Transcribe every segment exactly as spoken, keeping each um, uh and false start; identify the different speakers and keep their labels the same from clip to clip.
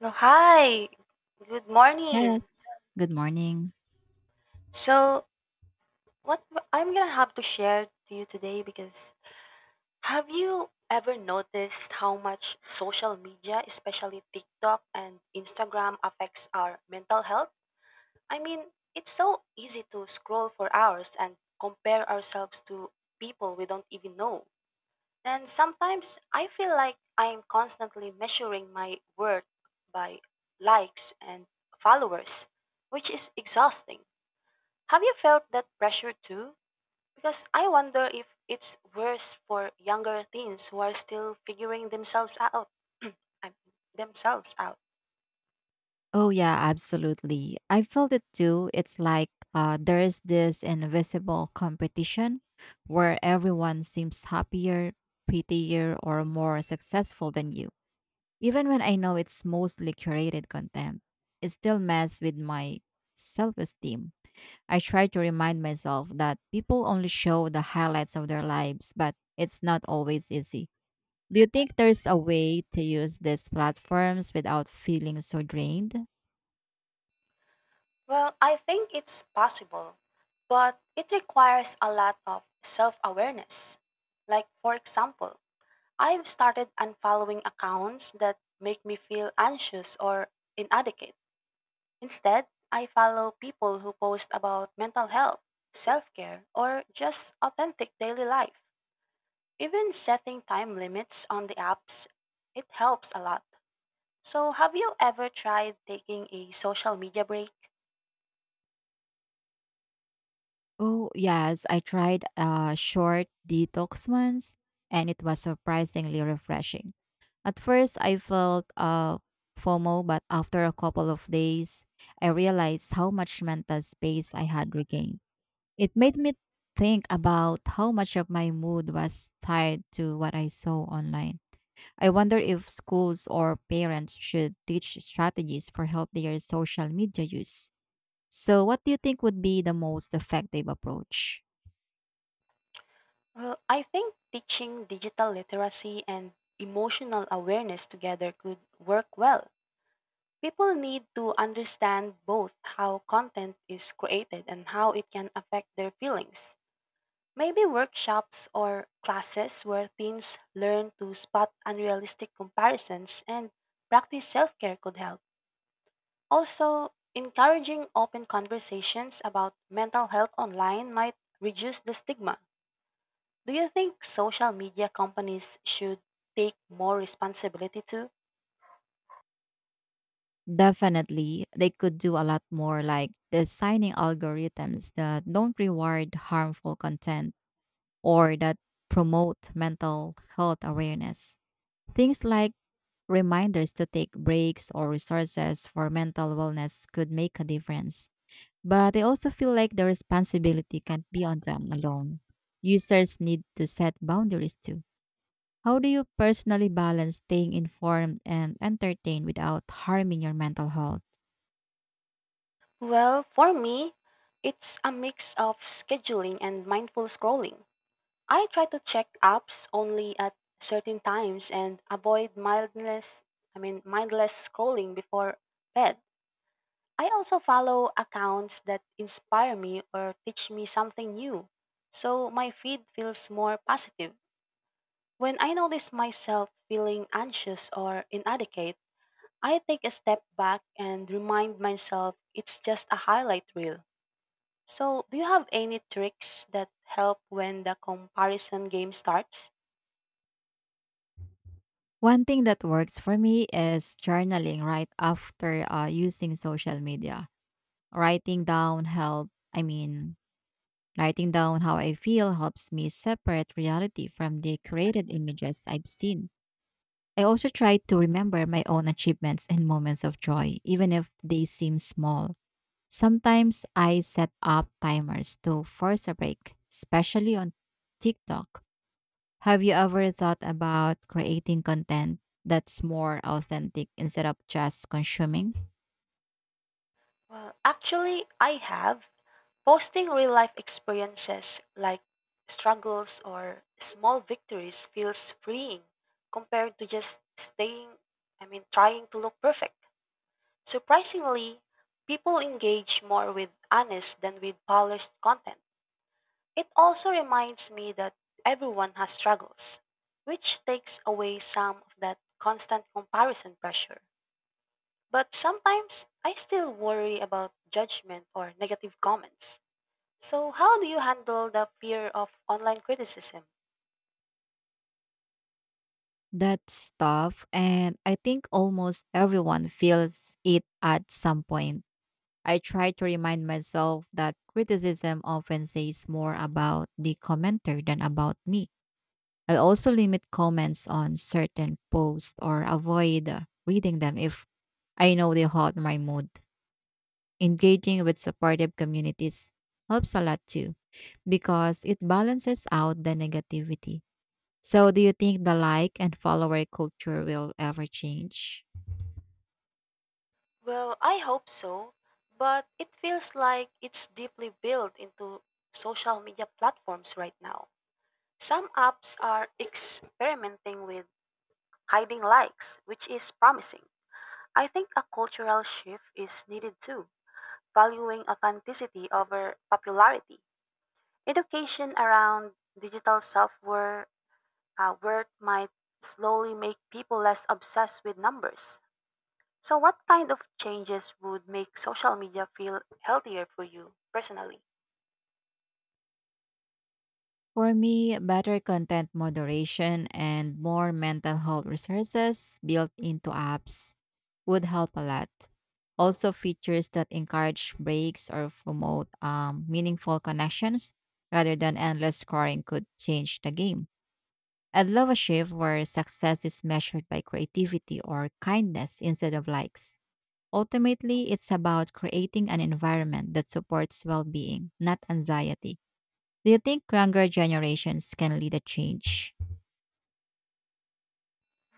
Speaker 1: No, hi. Good morning.
Speaker 2: Yes. Good morning.
Speaker 1: So, what I am I'm gonna have to share to you today. Because have you ever noticed how much social media, especially TikTok and Instagram, affects our mental health? I mean, it's so easy to scroll for hours and compare ourselves to people we don't even know. And sometimes I feel like I'm constantly measuring my worth by likes and followers, which is exhausting. Have you felt that pressure too? Because I wonder if it's worse for younger teens who are still figuring themselves out. I- themselves out.
Speaker 2: Oh, yeah, absolutely. I felt it too. It's like uh, there is this invisible competition where everyone seems happier, prettier, or more successful than you. Even when I know it's mostly curated content, it still messes with my self esteem. I try to remind myself that people only show the highlights of their lives, but it's not always easy. Do you think there's a way to use these platforms without feeling so drained?
Speaker 1: Well, I think it's possible, but it requires a lot of self-awareness. Like for example, I've started unfollowing accounts that make me feel anxious or inadequate. Instead, I follow people who post about mental health, self-care, or just authentic daily life. Even setting time limits on the apps, it helps a lot. So, have you ever tried taking a social media break?
Speaker 2: Oh, yes, I tried a short detox once and it was surprisingly refreshing. At first, I felt uh, FOMO, but after a couple of days, I realized how much mental space I had regained. It made me think about how much of my mood was tied to what I saw online. I wonder if schools or parents should teach strategies for healthier social media use. So, what do you think would be the most effective approach?
Speaker 1: Well, I think teaching digital literacy and emotional awareness together could work well. People need to understand both how content is created and how it can affect their feelings. Maybe workshops or classes where teens learn to spot unrealistic comparisons and practice self care could help. Also, encouraging open conversations about mental health online might reduce the stigma. Do you think social media companies should take more responsibility too?
Speaker 2: Definitely, they could do a lot more, like designing algorithms that don't reward harmful content or that promote mental health awareness. Things like reminders to take breaks or resources for mental wellness could make a difference. But I also feel like the responsibility can't be on them alone. Users need to set boundaries too. How do you personally balance staying informed and entertained without harming your mental health?
Speaker 1: Well, for me, it's a mix of scheduling and mindful scrolling. I try to check apps only at certain times and avoid mindless, I mean mindless scrolling before bed. I also follow accounts that inspire me or teach me something new, so my feed feels more positive. When I notice myself feeling anxious or inadequate, I take a step back and remind myself it's just a highlight reel. So, do you have any tricks that help when the comparison game starts?
Speaker 2: One thing that works for me is journaling right after uh, using social media. Writing down help, I mean, writing down how I feel helps me separate reality from the created images I've seen. I also try to remember my own achievements and moments of joy, even if they seem small. Sometimes I set up timers to force a break, especially on TikTok. Have you ever thought about creating content that's more authentic instead of just consuming
Speaker 1: Well, actually, I have. Posting real life experiences like struggles or small victories feels freeing compared to just staying, I mean, trying to look perfect. Surprisingly, people engage more with honest than with polished content. It also reminds me that everyone has struggles, which takes away some of that constant comparison pressure. But sometimes I still worry about judgment or negative comments. So, how do you handle the fear of online criticism?
Speaker 2: that stuff? And I think almost everyone feels it at some point. I try to remind myself that criticism often says more about the commenter than about me. I also limit comments on certain posts or avoid uh, reading them if I know they hurt my mood. Engaging with supportive communities helps a lot too because it balances out the negativity. So, do you think the like and follower culture will ever change?
Speaker 1: Well, I hope so, but it feels like it's deeply built into social media platforms right now. Some apps are experimenting with hiding likes, which is promising. I think a cultural shift is needed too, valuing authenticity over popularity. Education around digital self worth might slowly make people less obsessed with numbers. So, what kind of changes would make social media feel healthier for you personally?
Speaker 2: For me, better content moderation and more mental health resources built into apps would help a lot. Also, features that encourage breaks or promote um, meaningful connections rather than endless scrolling could change the game. I'd love a shift where success is measured by creativity or kindness instead of likes. Ultimately, it's about creating an environment that supports well being, not anxiety. Do you think younger generations can lead a change?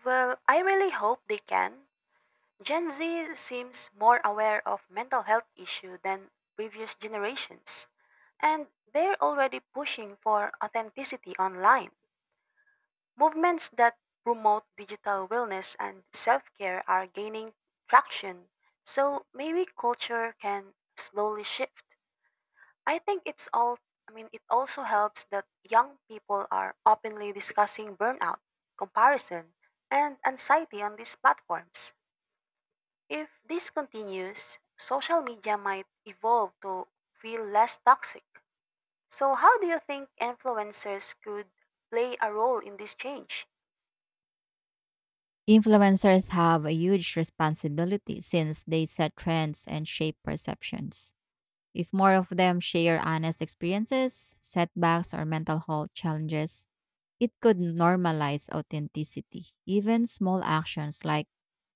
Speaker 1: Well, I really hope they can. Gen Z seems more aware of mental health issue than previous generations, and they're already pushing for authenticity online. Movements that promote digital wellness and self-care are gaining traction, so maybe culture can slowly shift. I think it's all I mean it also helps that young people are openly discussing burnout, comparison, and anxiety on these platforms. If this continues, social media might evolve to feel less toxic. So how do you think influencers could play a role in this change?
Speaker 2: Influencers have a huge responsibility since they set trends and shape perceptions. If more of them share honest experiences, setbacks, or mental health challenges, it could normalize authenticity. Even small actions like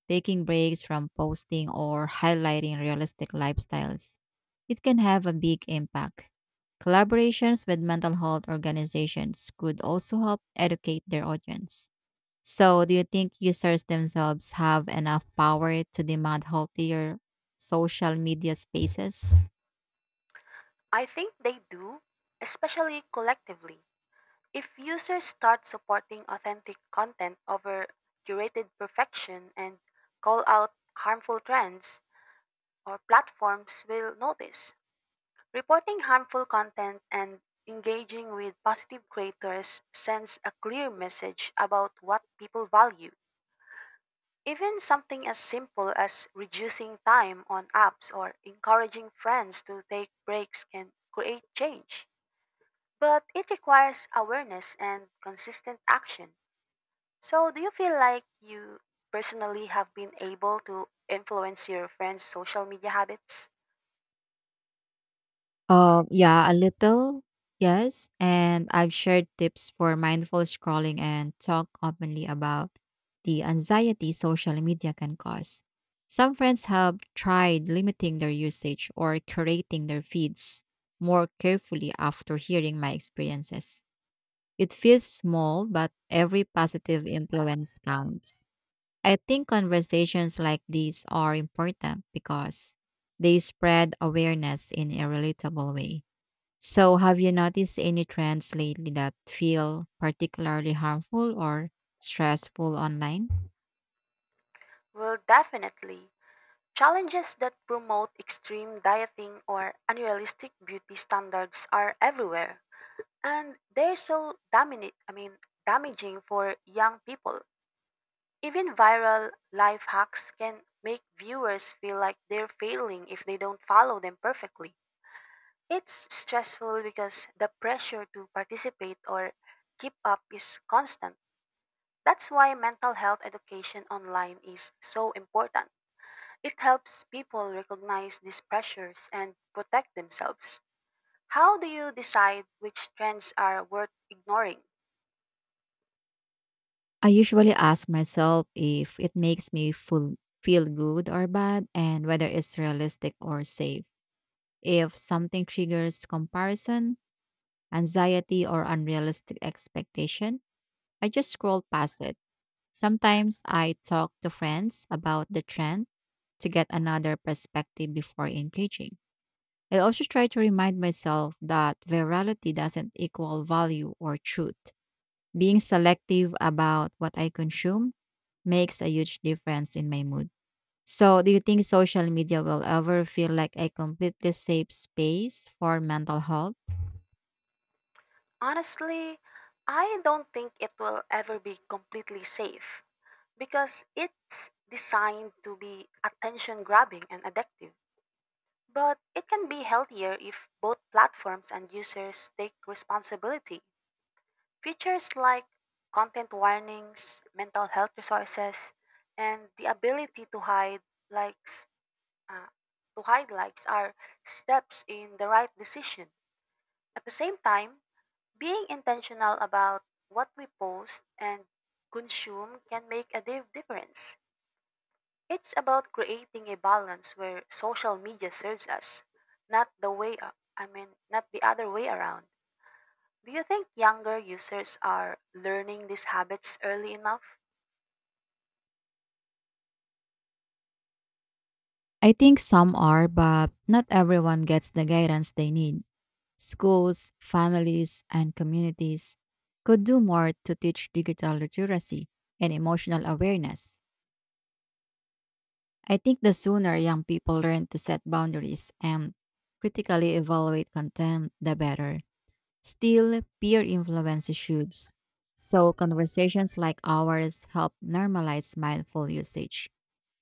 Speaker 2: taking breaks from posting or highlighting realistic lifestyles, it can have a big impact. Collaborations with mental health organizations could also help educate their audience. So, do you think users themselves have enough power to demand healthier social media spaces?
Speaker 1: I think they do, especially collectively. If users start supporting authentic content over curated perfection and call out harmful trends, or platforms will notice. Reporting harmful content and engaging with positive creators sends a clear message about what people value. Even something as simple as reducing time on apps or encouraging friends to take breaks can create change. But it requires awareness and consistent action. So, do you feel like you personally have been able to influence your friends' social media habits?
Speaker 2: Um, yeah, a little, yes. And I've shared tips for mindful scrolling and talk openly about the anxiety social media can cause. Some friends have tried limiting their usage or curating their feeds more carefully after hearing my experiences. It feels small, but every positive influence counts. I think conversations like these are important because they spread awareness in a relatable way. So, have you noticed any trends lately that feel particularly harmful or stressful online?
Speaker 1: Well, definitely. Challenges that promote extreme dieting or unrealistic beauty standards are everywhere, and they're so dominant, I mean, damaging for young people. Even viral life hacks can make viewers feel like they're failing if they don't follow them perfectly. It's stressful because the pressure to participate or keep up is constant. That's why mental health education online is so important. It helps people recognize these pressures and protect themselves. How do you decide which trends are worth ignoring?
Speaker 2: I usually ask myself if it makes me full, feel good or bad and whether it's realistic or safe. If something triggers comparison, anxiety, or unrealistic expectation, I just scroll past it. Sometimes I talk to friends about the trend to get another perspective before engaging. I also try to remind myself that virality doesn't equal value or truth. Being selective about what I consume makes a huge difference in my mood. So, do you think social media will ever feel like a completely safe space for mental health?
Speaker 1: Honestly, I don't think it will ever be completely safe because it's designed to be attention grabbing and addictive. But it can be healthier if both platforms and users take responsibility. Features like content warnings, mental health resources, and the ability to hide likes uh, to hide likes are steps in the right decision. At the same time, being intentional about what we post and consume can make a div- difference. It's about creating a balance where social media serves us, not the way a- I mean, not the other way around. Do you think younger users are learning these habits early enough?
Speaker 2: I think some are, but not everyone gets the guidance they need. Schools, families, and communities could do more to teach digital literacy and emotional awareness. I think the sooner young people learn to set boundaries and critically evaluate content, the better. Still, peer influence issues. So, conversations like ours help normalize mindful usage.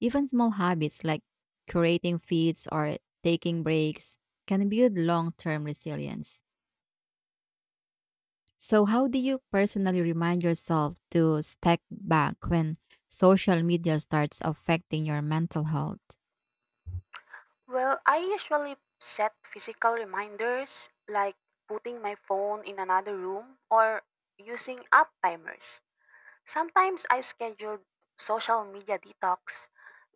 Speaker 2: Even small habits like curating feeds or taking breaks can build long term resilience. So, how do you personally remind yourself to step back when social media starts affecting your mental health?
Speaker 1: Well, I usually set physical reminders like putting my phone in another room or using app timers. Sometimes I schedule social media detox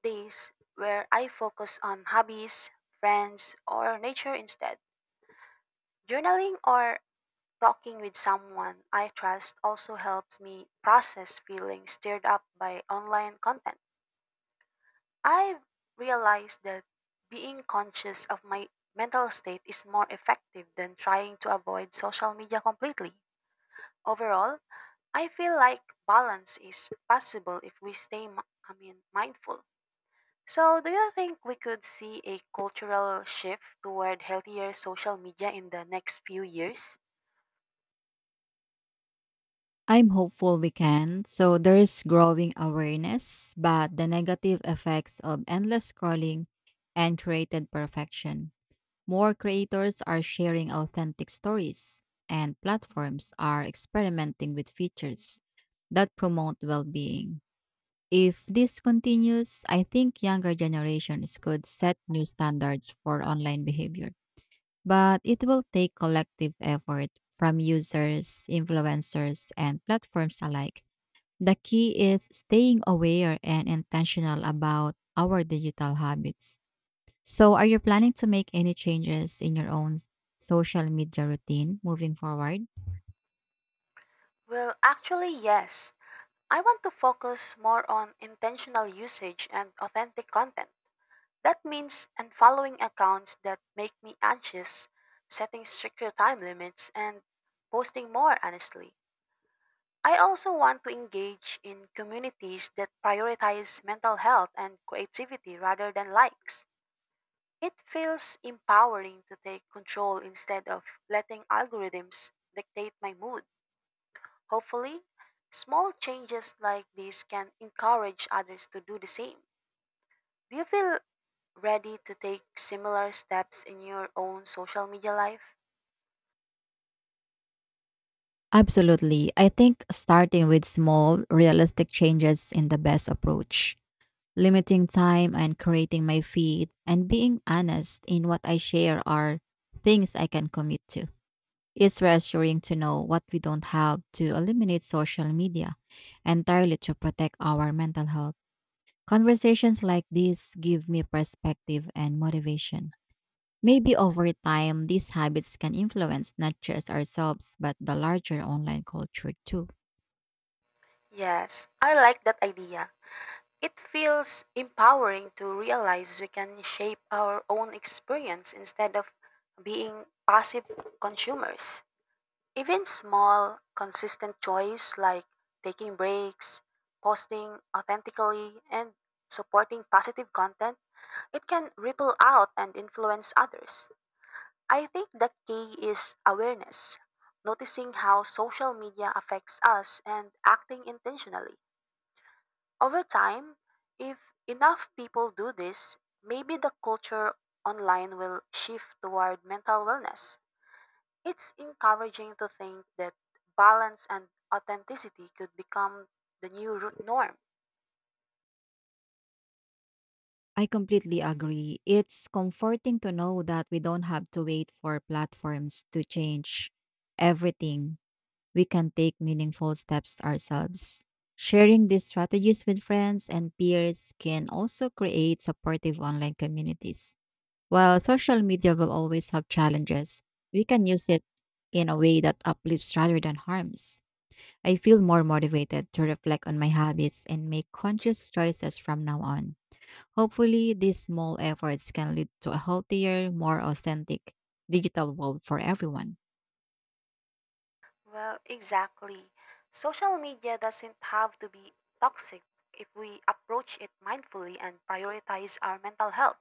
Speaker 1: days where I focus on hobbies, friends, or nature instead. Journaling or talking with someone I trust also helps me process feelings stirred up by online content. I've realized that being conscious of my mental state is more effective than trying to avoid social media completely. Overall, I feel like balance is possible if we stay mi- I mean mindful. So, do you think we could see a cultural shift toward healthier social media in the next few years?
Speaker 2: I'm hopeful we can. So there's growing awareness, but the negative effects of endless scrolling and created perfection. More creators are sharing authentic stories, and platforms are experimenting with features that promote well being. If this continues, I think younger generations could set new standards for online behavior. But it will take collective effort from users, influencers, and platforms alike. The key is staying aware and intentional about our digital habits. So, are you planning to make any changes in your own s- social media routine moving forward?
Speaker 1: Well, actually, yes. I want to focus more on intentional usage and authentic content. That means unfollowing accounts that make me anxious, setting stricter time limits, and posting more honestly. I also want to engage in communities that prioritize mental health and creativity rather than likes. It feels empowering to take control instead of letting algorithms dictate my mood. Hopefully, small changes like these can encourage others to do the same. Do you feel ready to take similar steps in your own social media life?
Speaker 2: Absolutely. I think starting with small, realistic changes is the best approach. Limiting time and creating my feed and being honest in what I share are things I can commit to. It's reassuring to know what we don't have to eliminate social media entirely to protect our mental health. Conversations like these give me perspective and motivation. Maybe over time, these habits can influence not just ourselves, but the larger online culture too.
Speaker 1: Yes, I like that idea. It feels empowering to realize we can shape our own experience instead of being passive consumers. Even small, consistent choice like taking breaks, posting authentically, and supporting positive content, it can ripple out and influence others. I think the key is awareness, noticing how social media affects us and acting intentionally. Over time, if enough people do this, maybe the culture online will shift toward mental wellness. It's encouraging to think that balance and authenticity could become the new ru- norm.
Speaker 2: I completely agree. It's comforting to know that we don't have to wait for platforms to change everything. We can take meaningful steps ourselves. Sharing these strategies with friends and peers can also create supportive online communities. While social media will always have challenges, we can use it in a way that uplifts rather than harms. I feel more motivated to reflect on my habits and make conscious choices from now on. Hopefully, these small efforts can lead to a healthier, more authentic digital world for everyone.
Speaker 1: Well, exactly. Social media doesn't have to be toxic if we approach it mindfully and prioritize our mental health.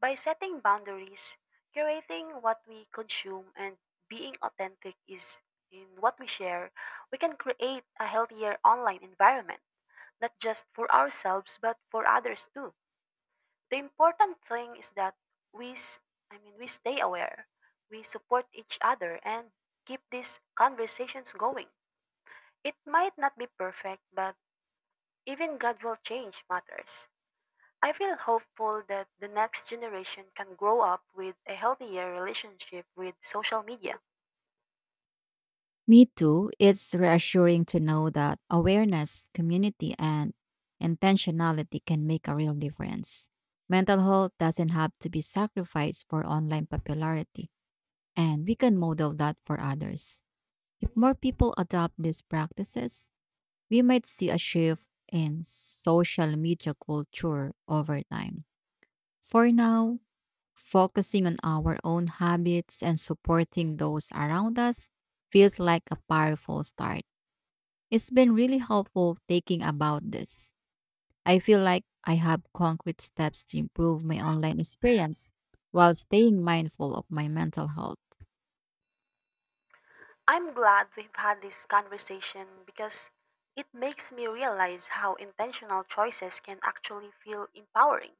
Speaker 1: By setting boundaries, curating what we consume, and being authentic is in what we share, we can create a healthier online environment, not just for ourselves but for others too. The important thing is that we s- I mean we stay aware, we support each other and keep these conversations going. It might not be perfect, but even gradual change matters. I feel hopeful that the next generation can grow up with a healthier relationship with social media.
Speaker 2: Me too. It's reassuring to know that awareness, community, and intentionality can make a real difference. Mental health doesn't have to be sacrificed for online popularity, and we can model that for others. If more people adopt these practices, we might see a shift in social media culture over time. For now, focusing on our own habits and supporting those around us feels like a powerful start. It's been really helpful thinking about this. I feel like I have concrete steps to improve my online experience while staying mindful of my mental health.
Speaker 1: I'm glad we've had this conversation because it makes me realize how intentional choices can actually feel empowering.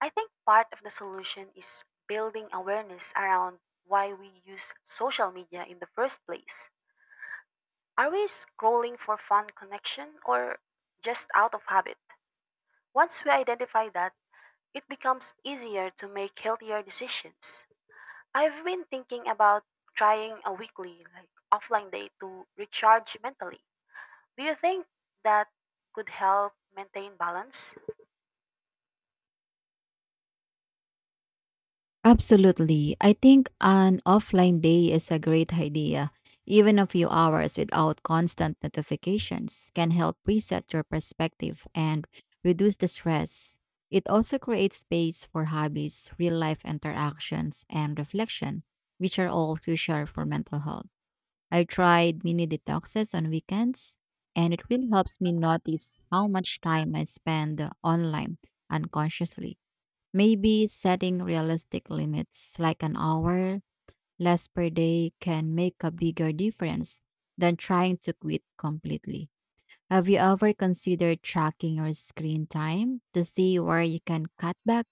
Speaker 1: I think part of the solution is building awareness around why we use social media in the first place. Are we scrolling for fun connection or just out of habit? Once we identify that, it becomes easier to make healthier decisions. I've been thinking about trying a weekly, like offline day to recharge mentally. Do you think that could help maintain balance?
Speaker 2: Absolutely. I think an offline day is a great idea. Even a few hours without constant notifications can help reset your perspective and reduce the stress. It also creates space for hobbies, real life interactions, and reflection, which are all crucial for mental health. I tried mini detoxes on weekends, and it really helps me notice how much time I spend online unconsciously. Maybe setting realistic limits like an hour less per day can make a bigger difference than trying to quit completely. Have you ever considered tracking your screen time to see where you can cut back?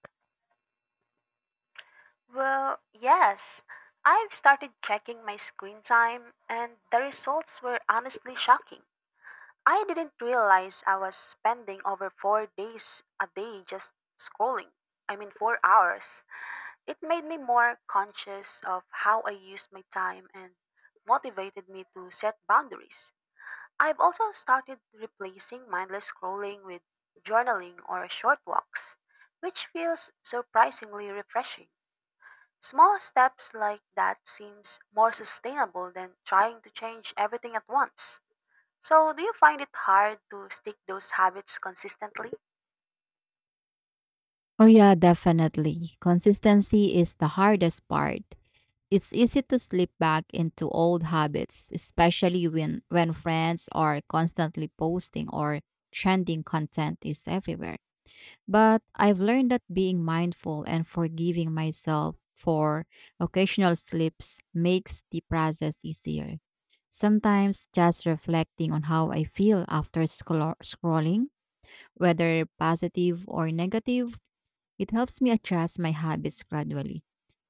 Speaker 1: Well, yes. I've started checking my screen time, and the results were honestly shocking. I didn't realize I was spending over four days a day just scrolling. I mean, four hours It made me more conscious of how I used my time and motivated me to set boundaries. I've also started replacing mindless scrolling with journaling or short walks, which feels surprisingly refreshing. Small steps like that seems more sustainable than trying to change everything at once. So, do you find it hard to stick those habits consistently?
Speaker 2: Oh, yeah, definitely. Consistency is the hardest part. It's easy to slip back into old habits, especially when, when friends are constantly posting or trending content is everywhere. But I've learned that being mindful and forgiving myself for occasional slips makes the process easier. Sometimes just reflecting on how I feel after scro- scrolling, whether positive or negative, it helps me adjust my habits gradually.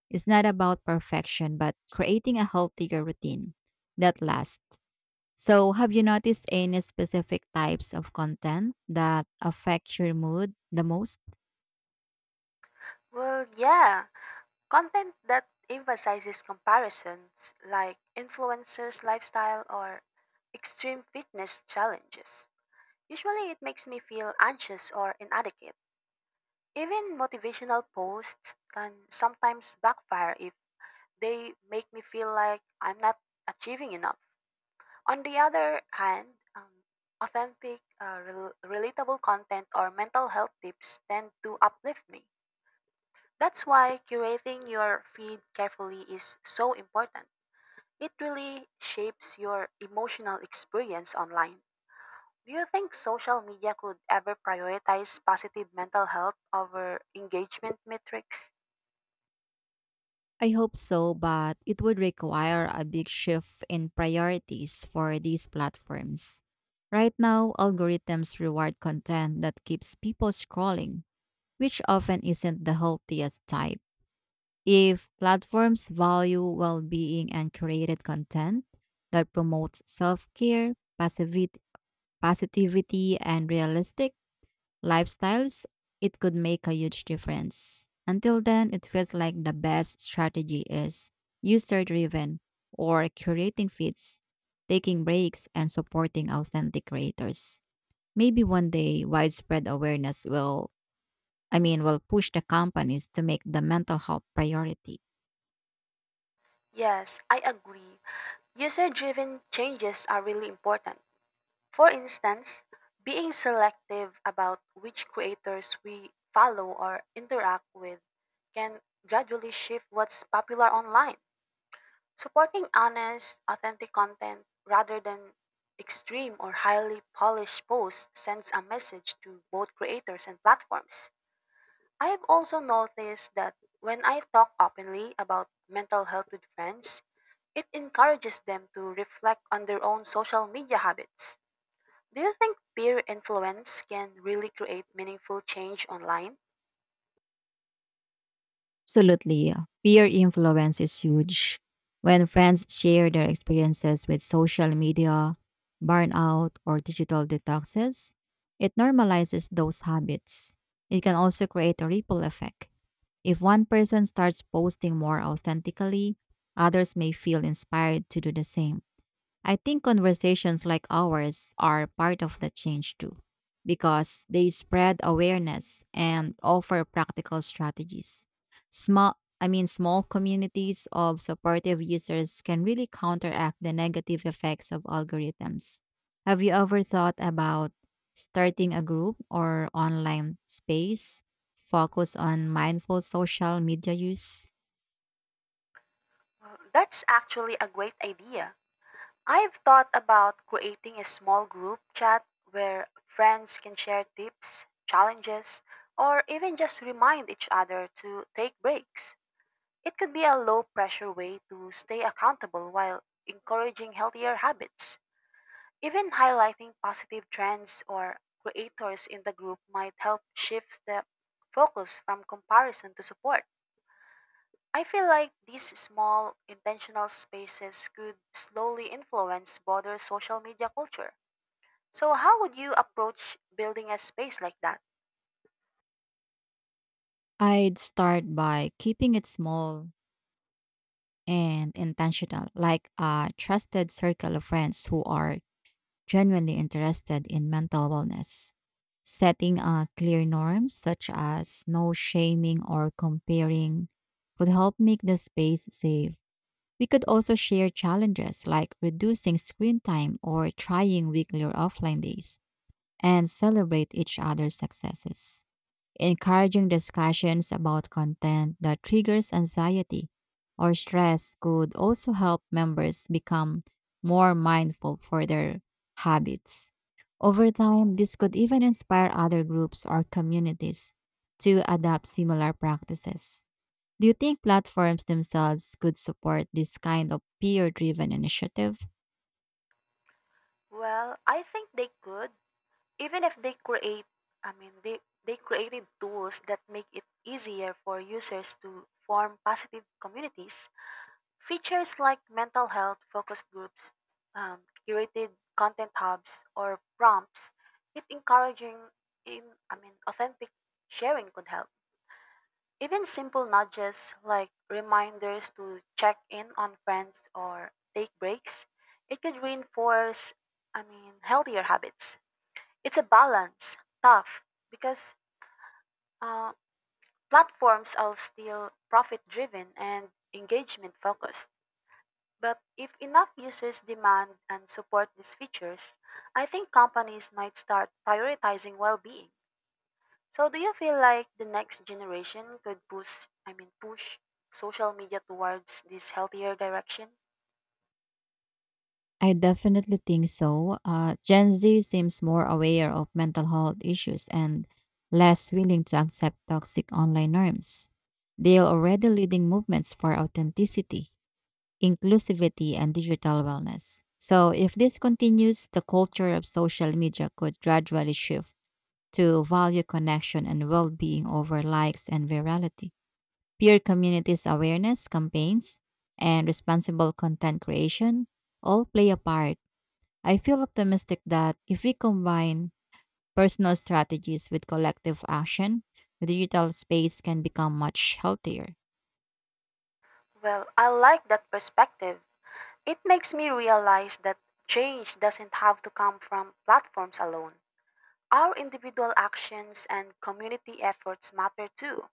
Speaker 2: It's not about perfection, but creating a healthier routine that lasts. So, have you noticed any specific types of content that affect your mood the most?
Speaker 1: Well, yeah. Content that emphasizes comparisons, like influencers' lifestyle or extreme fitness challenges. Usually, it makes me feel anxious or inadequate. Even motivational posts can sometimes backfire if they make me feel like I'm not achieving enough. On the other hand, um, authentic, uh, rel- relatable content or mental health tips tend to uplift me. That's why curating your feed carefully is so important. It really shapes your emotional experience online. Do you think social media could ever prioritize positive mental health over engagement metrics?
Speaker 2: I hope so, but it would require a big shift in priorities for these platforms. Right now, algorithms reward content that keeps people scrolling, which often isn't the healthiest type. If platforms value well being and created content that promotes self care, positivity, and realistic lifestyles, it could make a huge difference. Until then, it feels like the best strategy is user driven, or curating feeds, taking breaks, and supporting authentic creators. Maybe one day widespread awareness will, I mean, will push the companies to make the mental health priority.
Speaker 1: Yes, I agree. User driven changes are really important. For instance, being selective about which creators we follow or interact with can gradually shift what's popular online. Supporting honest, authentic content rather than extreme or highly polished posts sends a message to both creators and platforms. I have also noticed that when I talk openly about mental health with friends, it encourages them to reflect on their own social media habits. Do you think peer influence can really create meaningful change online?
Speaker 2: Absolutely. Yeah. Peer influence is huge. When friends share their experiences with social media, burnout, or digital detoxes, it normalizes those habits. It can also create a ripple effect. If one person starts posting more authentically, others may feel inspired to do the same. I think conversations like ours are part of the change too, because they spread awareness and offer practical strategies. Small I mean small communities of supportive users can really counteract the negative effects of algorithms. Have you ever thought about starting a group or online space focused on mindful social media use?
Speaker 1: Well, that's actually a great idea. I've thought about creating a small group chat where friends can share tips, challenges, or even just remind each other to take breaks. It could be a low pressure way to stay accountable while encouraging healthier habits. Even highlighting positive trends or creators in the group might help shift the focus from comparison to support. I feel like these small, intentional spaces could slowly influence broader social media culture. So, how would you approach building a space like that?
Speaker 2: I'd start by keeping it small and intentional, like a trusted circle of friends who are genuinely interested in mental wellness. Setting uh, clear norms such as no shaming or comparing could help make the space safe. We could also share challenges like reducing screen time or trying weekly or offline days and celebrate each other's successes. Encouraging discussions about content that triggers anxiety or stress could also help members become more mindful for their habits. Over time, this could even inspire other groups or communities to adopt similar practices. Do you think platforms themselves could support this kind of peer driven initiative?
Speaker 1: Well, I think they could, even if they create, I mean, they, they created tools that make it easier for users to form positive communities. Features like mental health focus groups, um, curated content hubs, or prompts with encouraging in I mean authentic sharing could help. Even simple nudges like reminders to check in on friends or take breaks, it could reinforce I mean healthier habits. It's a balance, tough because uh, platforms are still profit driven and engagement focused. But if enough users demand and support these features, I think companies might start prioritizing well-being. So do you feel like the next generation could push, I mean push social media towards this healthier direction?
Speaker 2: I definitely think so. Uh, Gen Z seems more aware of mental health issues and less willing to accept toxic online norms. They are already leading movements for authenticity, inclusivity, and digital wellness. So, if this continues, the culture of social media could gradually shift to value connection and well being over likes and virality. Peer communities awareness campaigns and responsible content creation all play a part. I feel optimistic that if we combine personal strategies with collective action, the digital space can become much healthier.
Speaker 1: Well, I like that perspective. It makes me realize that change doesn't have to come from platforms alone. Our individual actions and community efforts matter too.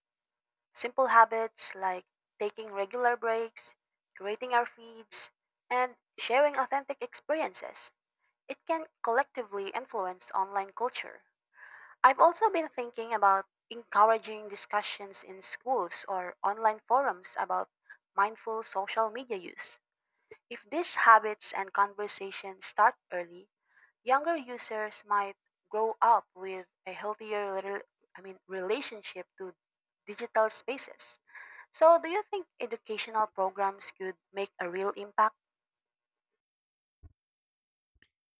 Speaker 1: Simple habits like taking regular breaks, creating our feeds, and sharing authentic experiences, it can collectively influence online culture. I've also been thinking about encouraging discussions in schools or online forums about mindful social media use. If these habits and conversations start early, younger users might grow up with a healthier rel- I mean relationship to digital spaces. So, do you think educational programs could make a real impact?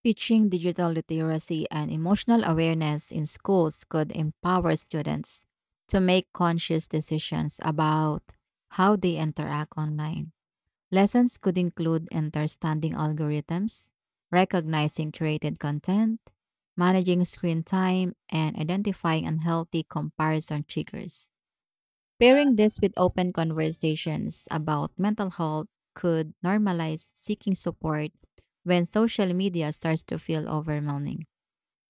Speaker 2: Teaching digital literacy and emotional awareness in schools could empower students to make conscious decisions about how they interact online. Lessons could include understanding algorithms, recognizing created content, managing screen time, and identifying unhealthy comparison triggers. Pairing this with open conversations about mental health could normalize seeking support when social media starts to feel overwhelming.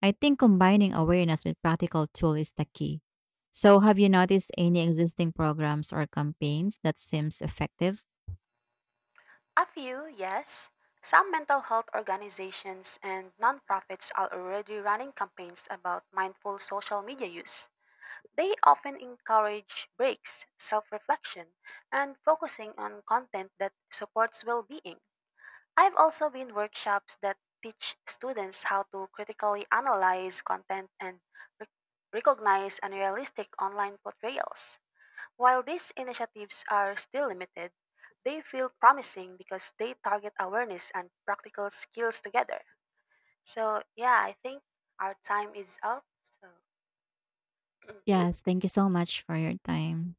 Speaker 2: I think combining awareness with practical tool is the key. So, have you noticed any existing programs or campaigns that seems effective?
Speaker 1: A few, yes. Some mental health organizations and nonprofits are already running campaigns about mindful social media use. They often encourage breaks, self reflection, and focusing on content that supports well being. I've also been workshops that teach students how to critically analyze content and rec- recognize unrealistic online portrayals. While these initiatives are still limited, they feel promising because they target awareness and practical skills together. So, yeah, I think our time is up. So,
Speaker 2: Yes, thank you so much for your time.